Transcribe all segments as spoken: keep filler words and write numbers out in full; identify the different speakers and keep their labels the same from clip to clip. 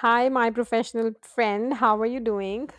Speaker 1: Hi, my professional friend. How are you doing?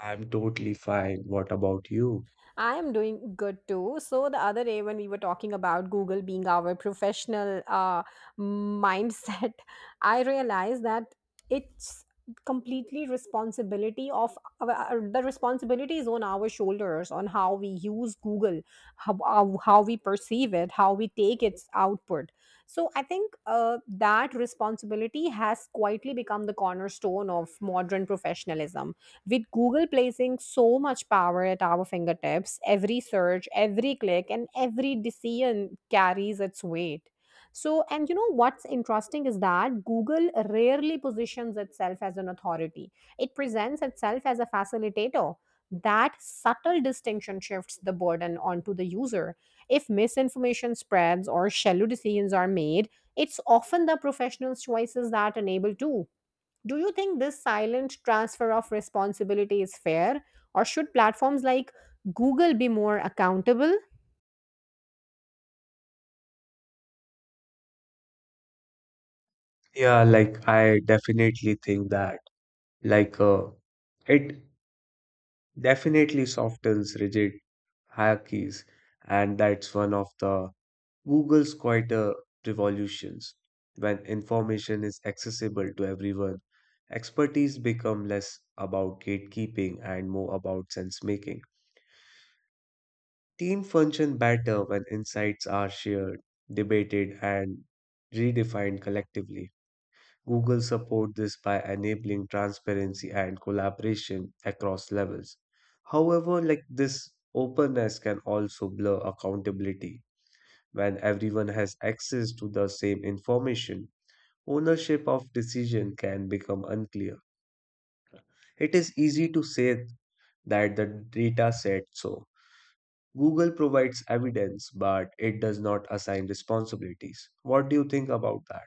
Speaker 2: I'm totally fine. What about you?
Speaker 1: I am doing good too. So, the other day when we were talking about Google being our professional uh, mindset, I realized that it's completely responsibility of our, the responsibility is on our shoulders on how we use Google, how, how how we perceive it, how we take its output. So, I think uh, that responsibility has quietly become the cornerstone of modern professionalism with Google placing so much power at our fingertips. Every search, every click, and every decision carries its weight. So and you know what's interesting is that Google rarely positions itself as an authority. It presents itself as a facilitator. That subtle distinction shifts the burden onto the user. If misinformation spreads or shallow decisions are made, it's often the professionals' choices that enable too. Do you think this silent transfer of responsibility is fair, or should platforms like Google be more accountable?
Speaker 2: Yeah, like I definitely think that like uh, it definitely softens rigid hierarchies, and that's one of the Google's quite a revolutions. When information is accessible to everyone, expertise become less about gatekeeping and more about sense making. Team function better when insights are shared, debated, and redefined collectively. Google support this by enabling transparency and collaboration across levels. However, like this openness can also blur accountability. When everyone has access to the same information, ownership of decision can become unclear. It is easy to say that the data said so. Google provides evidence, but it does not assign responsibilities. What do you think about that?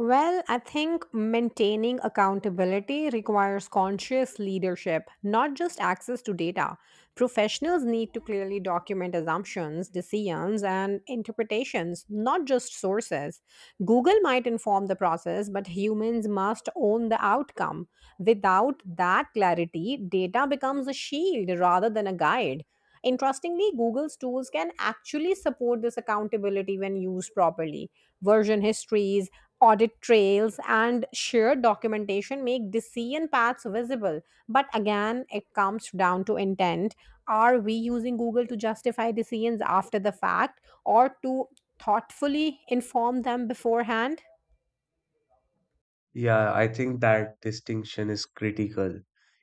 Speaker 1: Well, I think maintaining accountability requires conscious leadership, not just access to data. Professionals need to clearly document assumptions, decisions, and interpretations, not just sources. Google might inform the process, but humans must own the outcome. Without that clarity, data becomes a shield rather than a guide. Interestingly, Google's tools can actually support this accountability when used properly. Version histories, audit trails, and shared documentation make decision paths visible. But again, it comes down to intent. Are we using Google to justify decisions after the fact or to thoughtfully inform them beforehand?
Speaker 2: Yeah, I think that distinction is critical.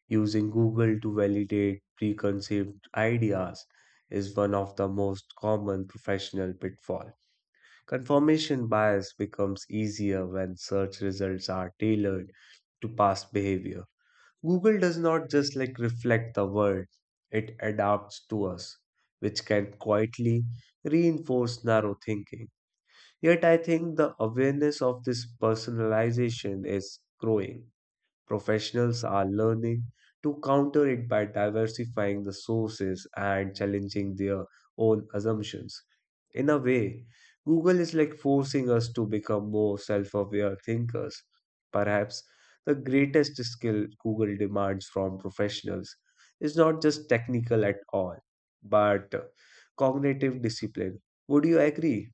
Speaker 2: Using Google to validate preconceived ideas is one of the most common professional pitfalls. Confirmation bias becomes easier when search results are tailored to past behavior. Google does not just like reflect the world, it adapts to us, which can quietly reinforce narrow thinking. Yet I think the awareness of this personalization is growing. Professionals are learning to counter it by diversifying the sources and challenging their own assumptions. In a way, Google is like forcing us to become more self aware thinkers. Perhaps the greatest skill Google demands from professionals is not just technical at all, but cognitive discipline. Would you agree?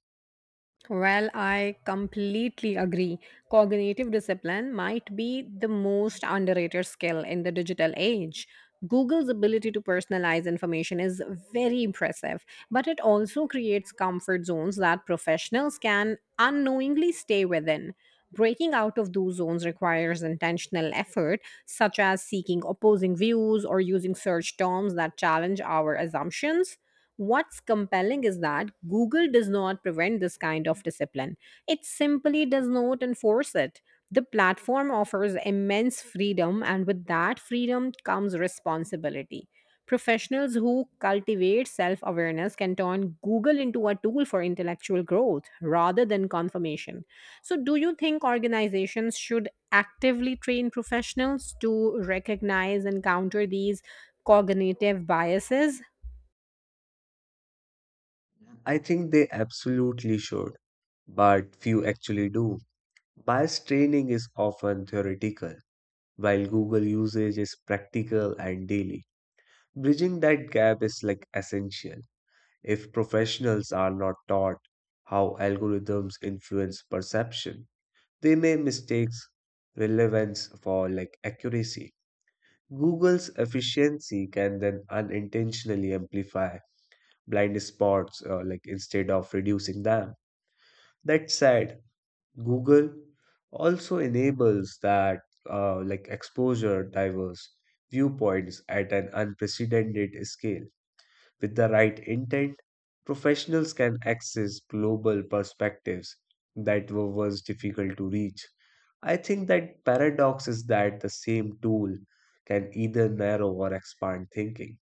Speaker 1: Well, I completely agree. Cognitive discipline might be the most underrated skill in the digital age. Google's ability to personalize information is very impressive, but it also creates comfort zones that professionals can unknowingly stay within. Breaking out of those zones requires intentional effort, such as seeking opposing views or using search terms that challenge our assumptions. What's compelling is that Google does not prevent this kind of discipline, it simply does not enforce it. The platform offers immense freedom, and with that freedom comes responsibility. Professionals who cultivate self awareness can turn Google into a tool for intellectual growth rather than confirmation. So, do you think organizations should actively train professionals to recognize and counter these cognitive biases?
Speaker 2: I think they absolutely should, but few actually do. Bias training is often theoretical, while Google usage is practical and daily. Bridging that gap is like essential. If professionals are not taught how algorithms influence perception, they may mistake relevance for like accuracy. Google's efficiency can then unintentionally amplify blind spots uh, like instead of reducing them. That said, Google also enables that uh, like exposure diverse viewpoints at an unprecedented scale. With the right intent, professionals can access global perspectives that were once difficult to reach. I think that paradox is that the same tool can either narrow or expand thinking.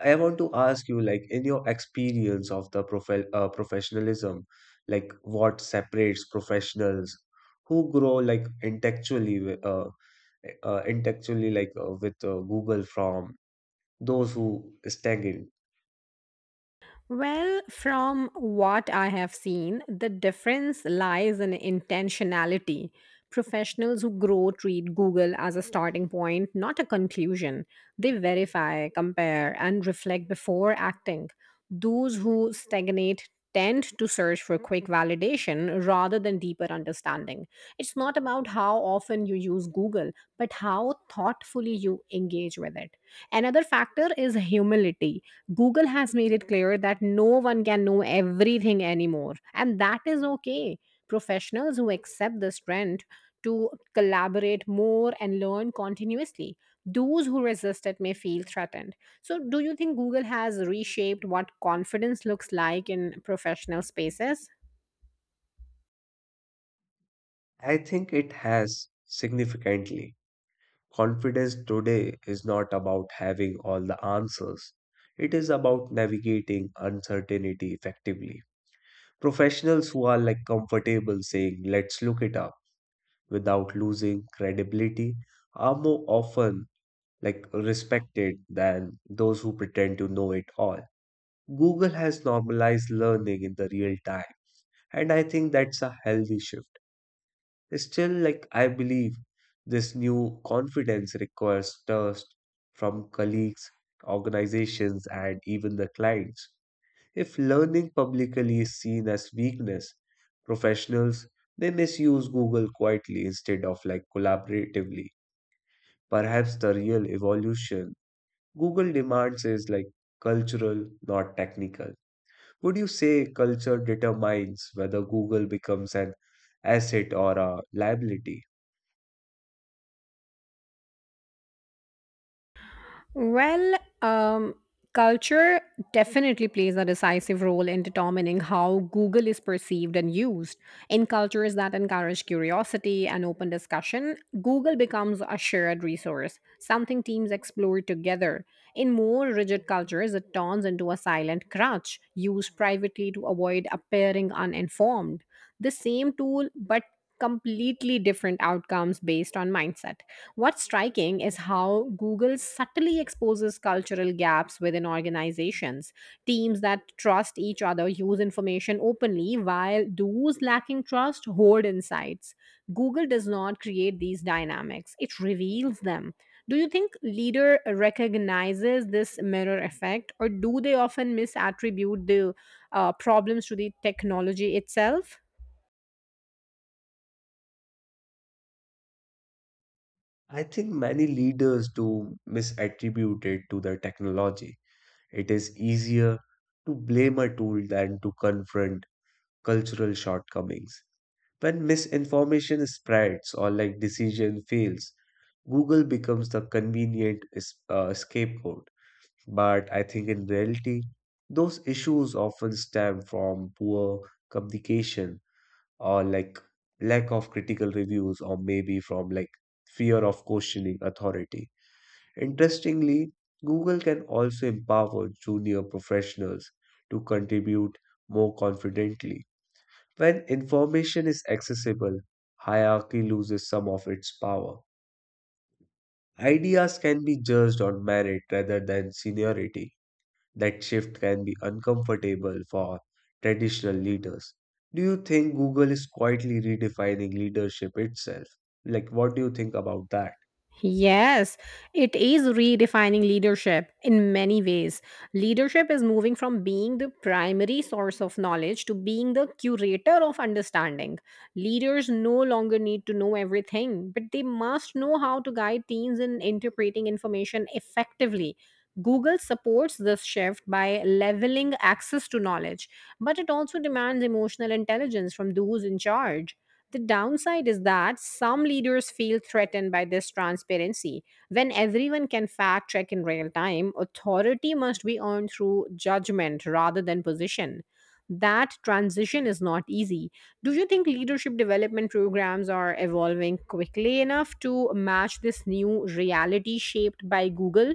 Speaker 2: I want to ask you, like, in your experience of the profe uh, professionalism, like, what separates professionals who grow like intellectually, wi- uh, eh, uh, intellectually, like uh, with uh, Google from those who stagnate?
Speaker 1: Well, from what I have seen, the difference lies in intentionality. Professionals who grow treat Google as a starting point, not a conclusion. They verify, compare, and reflect before acting. Those who stagnate tend to search for quick validation rather than deeper understanding. It's not about how often you use Google, but how thoughtfully you engage with it. Another factor is humility. Google has made it clear that no one can know everything anymore, and that is okay. Professionals who accept this trend to collaborate more and learn continuously. Those who resist it may feel threatened. So, do you think Google has reshaped what confidence looks like in professional spaces?
Speaker 2: I think it has significantly. Confidence today is not about having all the answers. It is about navigating uncertainty effectively. Professionals who are like comfortable saying, let's look it up without losing credibility are more often like respected than those who pretend to know it all. Google has normalized learning in the real time, and I think that's a healthy shift. Still, like I believe this new confidence requires trust from colleagues, organizations, and even the clients. If learning publicly is seen as weakness, professionals they misuse Google quietly instead of like collaboratively. Perhaps the real evolution Google demands is like cultural, not technical. Would you say culture determines whether Google becomes an asset or a liability?
Speaker 1: Well, um, culture definitely plays a decisive role in determining how Google is perceived and used. In cultures that encourage curiosity and open discussion, Google becomes a shared resource, something teams explore together. In more rigid cultures, it turns into a silent crutch used privately to avoid appearing uninformed. The same tool, but completely different outcomes based on mindset. What's striking is how Google subtly exposes cultural gaps within organizations. Teams that trust each other use information openly, while those lacking trust hoard insights. Google does not create these dynamics, it reveals them. Do you think leader recognizes this mirror effect, or do they often misattribute the uh, problems to the technology itself?
Speaker 2: I think many leaders do misattribute it to the technology. It is easier to blame a tool than to confront cultural shortcomings. When misinformation spreads or like decision fails, Google becomes the convenient es- uh, scapegoat. But I think in reality, those issues often stem from poor communication or like lack of critical reviews or maybe from like fear of questioning authority. Interestingly, Google can also empower junior professionals to contribute more confidently. When information is accessible, hierarchy loses some of its power. Ideas can be judged on merit rather than seniority. That shift can be uncomfortable for traditional leaders. Do you think Google is quietly redefining leadership itself? Like, what do you think about that?
Speaker 1: Yes, it is redefining leadership in many ways. Leadership is moving from being the primary source of knowledge to being the curator of understanding. Leaders no longer need to know everything, but they must know how to guide teams in interpreting information effectively. Google supports this shift by leveling access to knowledge, but it also demands emotional intelligence from those in charge. The downside is that some leaders feel threatened by this transparency. When everyone can fact check in real time, authority must be earned through judgment rather than position. That transition is not easy. Do you think leadership development programs are evolving quickly enough to match this new reality shaped by Google?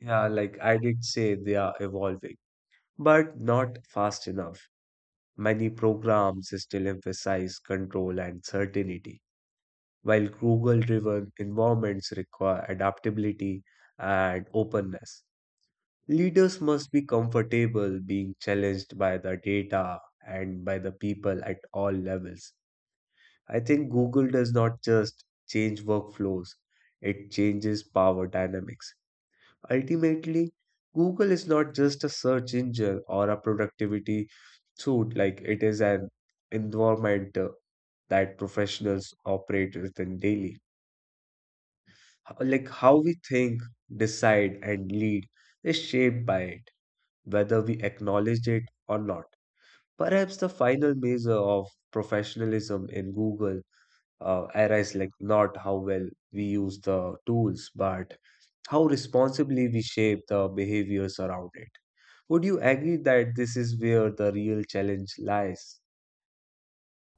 Speaker 2: Yeah, like I did say, they are evolving, but not fast enough. Many programs still emphasize control and certainty, while Google-driven environments require adaptability and openness. Leaders must be comfortable being challenged by the data and by the people at all levels. I think Google does not just change workflows, it changes power dynamics. Ultimately, Google is not just a search engine or a productivity suite, like it is an environment uh, that professionals operate within daily. H- Like how we think, decide, and lead is shaped by it, whether we acknowledge it or not. Perhaps the final measure of professionalism in Google uh, era is like not how well we use the tools, but how responsibly we shape the behaviors around it. Would you agree that this is where the real challenge lies?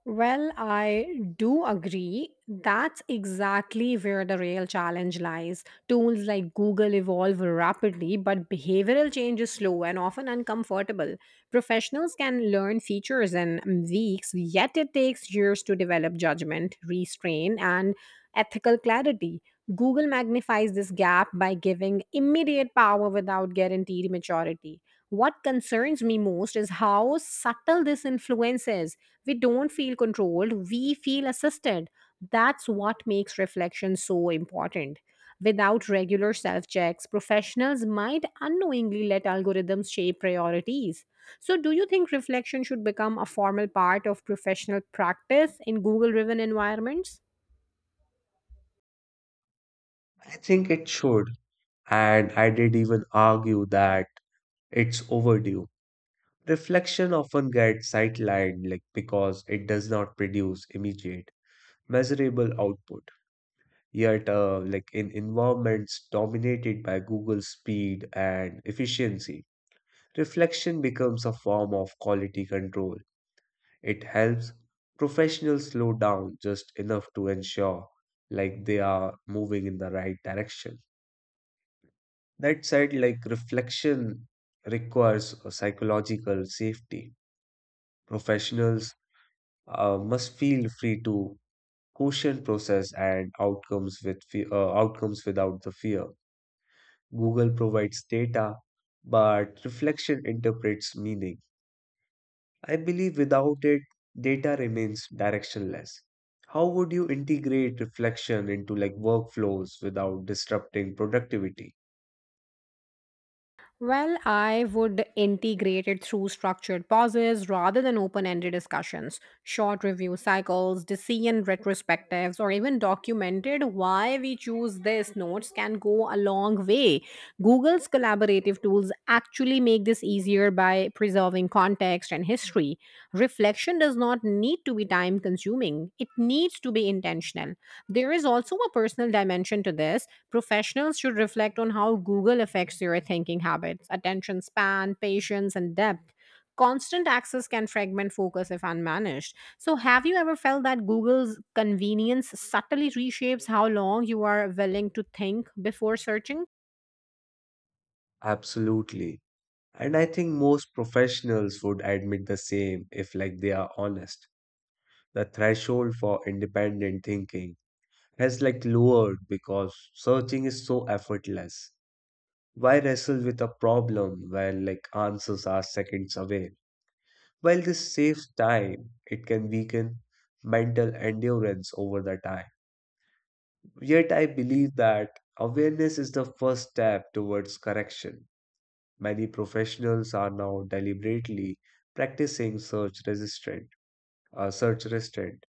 Speaker 1: Well, I do agree. That's exactly where the real challenge lies. Tools like Google evolve rapidly, but behavioral change is slow and often uncomfortable. Professionals can learn features in weeks, yet it takes years to develop judgment, restraint, and ethical clarity. Google magnifies this gap by giving immediate power without guaranteed maturity. What concerns me most is how subtle this influence is. We don't feel controlled, we feel assisted. That's what makes reflection so important. Without regular self checks, professionals might unknowingly let algorithms shape priorities. So, do you think reflection should become a formal part of professional practice in Google driven environments?
Speaker 2: I think it should, and I did even argue that it's overdue. Reflection often gets sidelined like because it does not produce immediate, measurable output. Yet, uh, like in environments dominated by Google's speed and efficiency, reflection becomes a form of quality control. It helps professionals slow down just enough to ensure like they are moving in the right direction. That said, like reflection requires a psychological safety. Professionals uh, must feel free to caution process and outcomes with fe- uh, outcomes without the fear. Google provides data, but reflection interprets meaning. I believe without it, data remains directionless. How would you integrate reflection into like workflows without disrupting productivity?
Speaker 1: Well, I would integrate it through structured pauses rather than open ended discussions, short review cycles, decision retrospectives, or even documented why we choose this. Notes can go a long way. Google's collaborative tools actually make this easier by preserving context and history. Reflection does not need to be time consuming, it needs to be intentional. There is also a personal dimension to this. Professionals should reflect on how Google affects your thinking habits, attention span, patience, and depth. Constant access can fragment focus if unmanaged. So, have you ever felt that Google's convenience subtly reshapes how long you are willing to think before searching?
Speaker 2: Absolutely. And I think most professionals would admit the same if like they are honest. The threshold for independent thinking has like lowered because searching is so effortless. Why wrestle with a problem when like answers are seconds away? While this saves time, it can weaken mental endurance over the time. Yet I believe that awareness is the first step towards correction. Many professionals are now deliberately practicing search resistant, uh, search restraint,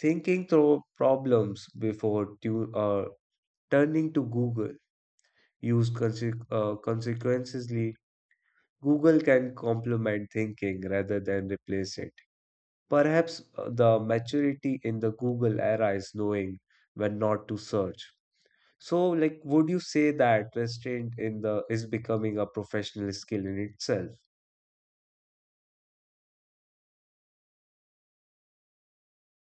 Speaker 2: thinking through problems before tu- uh, turning to Google. Use conse- uh, consequences. Google can complement thinking rather than replace it. Perhaps uh, the maturity in the Google era is knowing when not to search. So, like, would you say that restraint in the is becoming a professional skill in itself?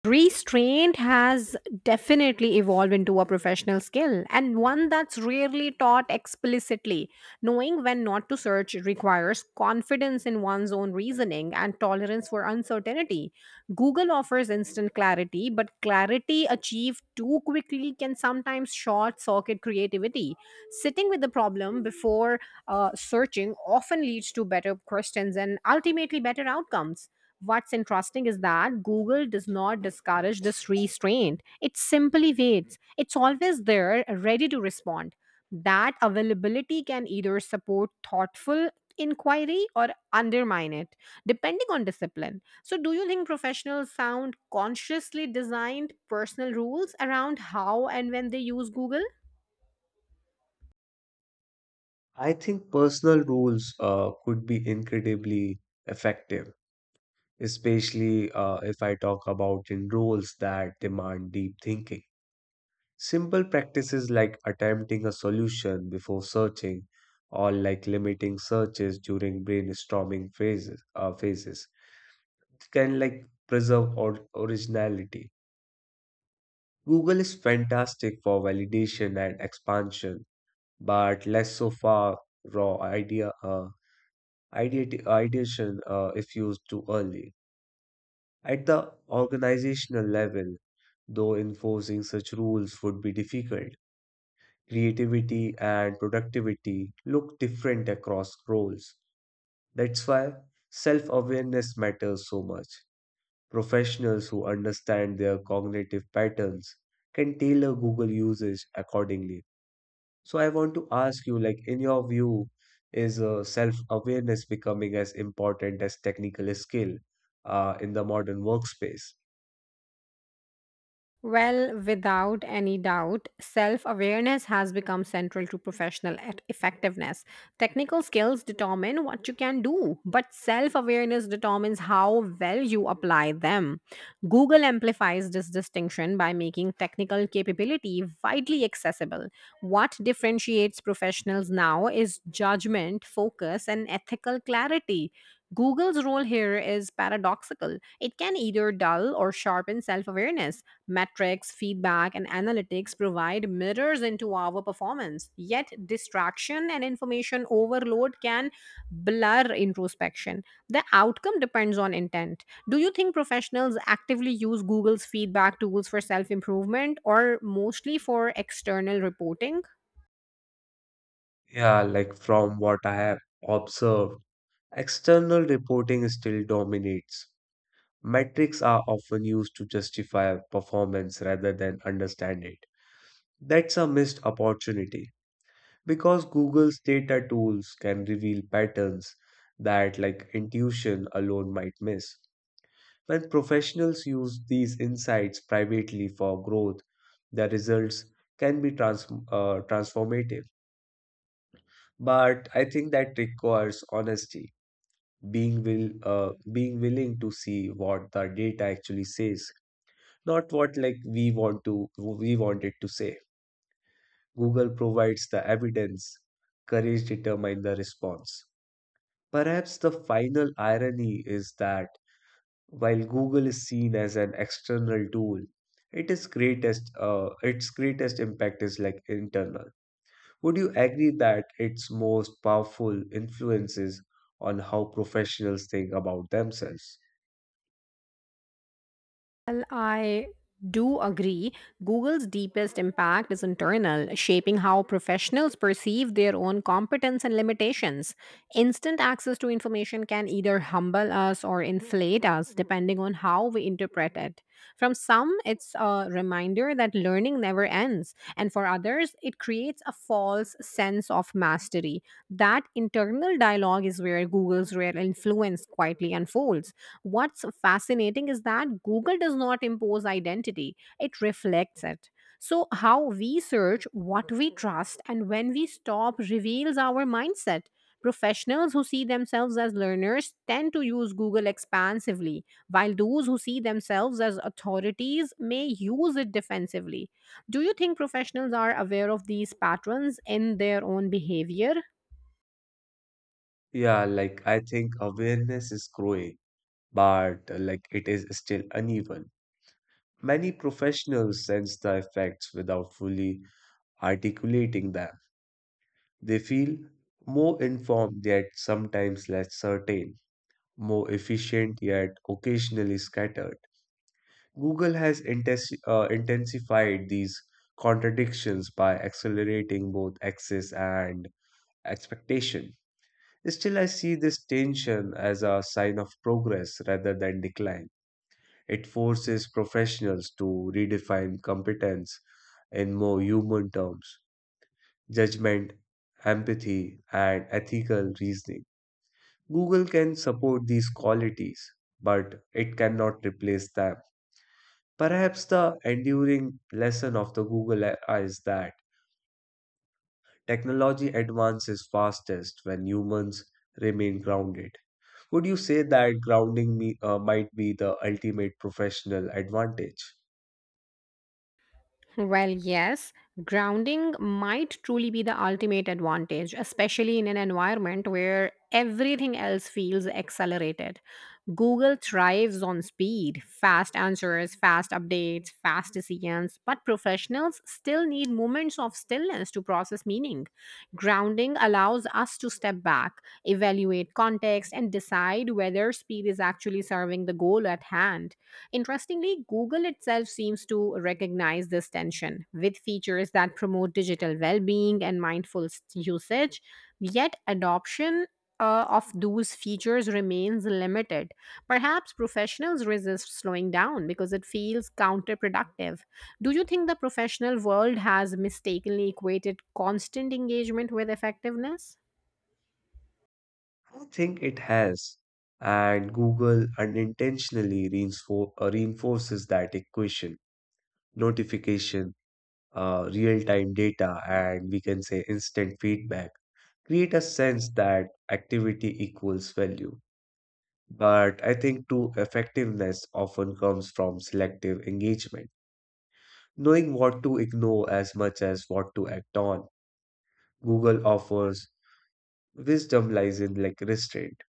Speaker 1: Restraint has definitely evolved into a professional skill and one that's rarely taught explicitly. Knowing when not to search requires confidence in one's own reasoning and tolerance for uncertainty. Google offers instant clarity, but clarity achieved too quickly can sometimes short circuit creativity. Sitting with the problem before uh, searching often leads to better questions and ultimately better outcomes. What's interesting is that Google does not discourage this restraint. It simply waits. It's always there, ready to respond. That availability can either support thoughtful inquiry or undermine it, depending on discipline. So, do you think professionals sound consciously designed personal rules around how and when they use Google?
Speaker 2: I think personal rules uh, could be incredibly effective, especially uh, if I talk about in roles that demand deep thinking. Simple practices like attempting a solution before searching or like limiting searches during brainstorming phases, uh, phases can like preserve or- originality. Google is fantastic for validation and expansion, but less so for raw idea uh, ideat- ideation uh, if used too early. At the organizational level, though enforcing such rules would be difficult creativity and productivity look different across roles. That's why self awareness matters so much. Professionals who understand their cognitive patterns can tailor Google usage accordingly. So, I want to ask you like, in your view, is uh, self awareness becoming as important as technical skill uh, in the modern workspace?
Speaker 1: Well, without any doubt, self awareness has become central to professional e- effectiveness. Technical skills determine what you can do, but self awareness determines how well you apply them. Google amplifies this distinction by making technical capability widely accessible. What differentiates professionals now is judgment, focus, and ethical clarity. Google's role here is paradoxical. It can either dull or sharpen self awareness. Metrics, feedback, and analytics provide mirrors into our performance. Yet, distraction and information overload can blur introspection. The outcome depends on intent. Do you think professionals actively use Google's feedback tools for self improvement or mostly for external reporting?
Speaker 2: Yeah, like from what I have observed, external reporting still dominates. Metrics are often used to justify performance rather than understand it. That's a missed opportunity because Google's data tools can reveal patterns that, like intuition alone, might miss. When professionals use these insights privately for growth, the results can be trans- uh, transformative. But I think that requires honesty, being will uh, being willing to see what the data actually says, not what like we want to we want it to say. Google provides the evidence, courage determines the response. Perhaps the final irony is that while Google is seen as an external tool, it is greatest uh, its greatest impact is like internal. Would you agree that its most powerful influences on how professionals think about themselves?
Speaker 1: Well, I do agree. Google's deepest impact is internal, shaping how professionals perceive their own competence and limitations. Instant access to information can either humble us or inflate us, depending on how we interpret it. From some, it's a reminder that learning never ends, and for others, it creates a false sense of mastery. That internal dialogue is where Google's real influence quietly unfolds. What's fascinating is that Google does not impose identity, it reflects it. So, how we search, what we trust, and when we stop reveals our mindset. Professionals who see themselves as learners tend to use Google expansively, while those who see themselves as authorities may use it defensively. Do you think professionals are aware of these patterns in their own behavior?
Speaker 2: Yeah, like I think awareness is growing, but uh, like it is still uneven. Many professionals sense the effects without fully articulating them. They feel more informed yet sometimes less certain, more efficient yet occasionally scattered. Google has intensi- uh, intensified these contradictions by accelerating both access and expectation. Still, I see this tension as a sign of progress rather than decline. It forces professionals to redefine competence in more human terms: judgment, empathy, and ethical reasoning. Google can support these qualities, but it cannot replace them. Perhaps the enduring lesson of the Google era is that technology advances fastest when humans remain grounded. Would you say that grounding me, uh, might be the ultimate professional advantage?
Speaker 1: Well, yes. Grounding might truly be the ultimate advantage, especially in an environment where everything else feels accelerated. Google thrives on speed, fast answers, fast updates, fast decisions, but professionals still need moments of stillness to process meaning. Grounding allows us to step back, evaluate context, and decide whether speed is actually serving the goal at hand. Interestingly, Google itself seems to recognize this tension with features that promote digital well being and mindful s- usage, yet, adoption uh, of those features remains limited. Perhaps professionals resist slowing down because it feels counterproductive. Do you think the professional world has mistakenly equated constant engagement with effectiveness?
Speaker 2: I think it has, and Google unintentionally reinfor- uh, reinforces that equation. Notification, uh, real-time data, and we can say instant feedback create a sense that activity equals value. But I think true effectiveness often comes from selective engagement, knowing what to ignore as much as what to act on. Google offers wisdom lies in like restraint.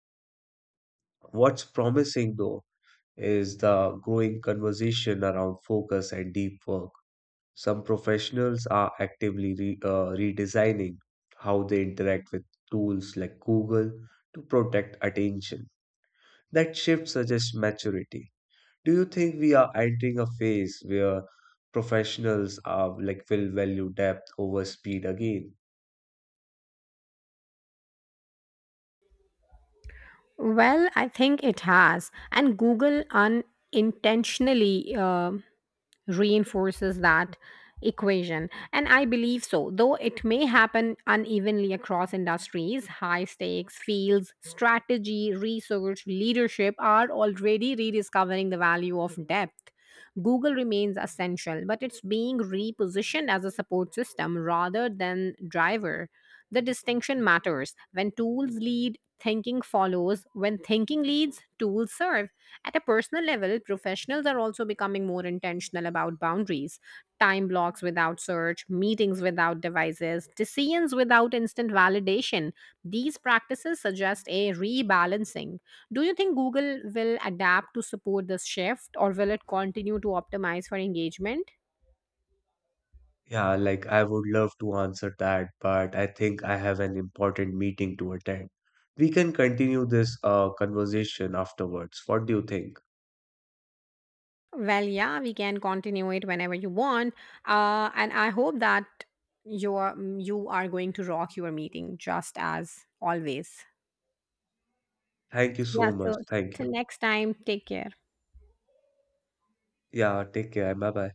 Speaker 2: What's promising though is the growing conversation around focus and deep work. Some professionals are actively re, uh, redesigning how they interact with tools like Google to protect attention. That shift suggests maturity. Do you think we are entering a phase where professionals are like will value depth over speed again?
Speaker 1: Well, I think it has. And Google unintentionally uh, reinforces that equation. And I believe so, though it may happen unevenly across industries, high stakes fields, strategy, research, leadership are already rediscovering the value of depth. Google remains essential, but it's being repositioned as a support system rather than driver. The distinction matters. When tools lead, thinking follows. When thinking leads, tools serve. At a personal level, professionals are also becoming more intentional about boundaries. Time blocks without search, meetings without devices, decisions without instant validation. These practices suggest a rebalancing. Do you think Google will adapt to support this shift or will it continue to optimize for engagement?
Speaker 2: Yeah, like I would love to answer that, but I think I have an important meeting to attend. We can continue this uh, conversation afterwards. What do you think?
Speaker 1: Well, yeah, we can continue it whenever you want. Uh, and I hope that you're, you are going to rock your meeting just as always.
Speaker 2: Thank you so
Speaker 1: Yeah.
Speaker 2: much.
Speaker 1: So
Speaker 2: Thank you.
Speaker 1: till next time, take care.
Speaker 2: Yeah, take care. Bye bye.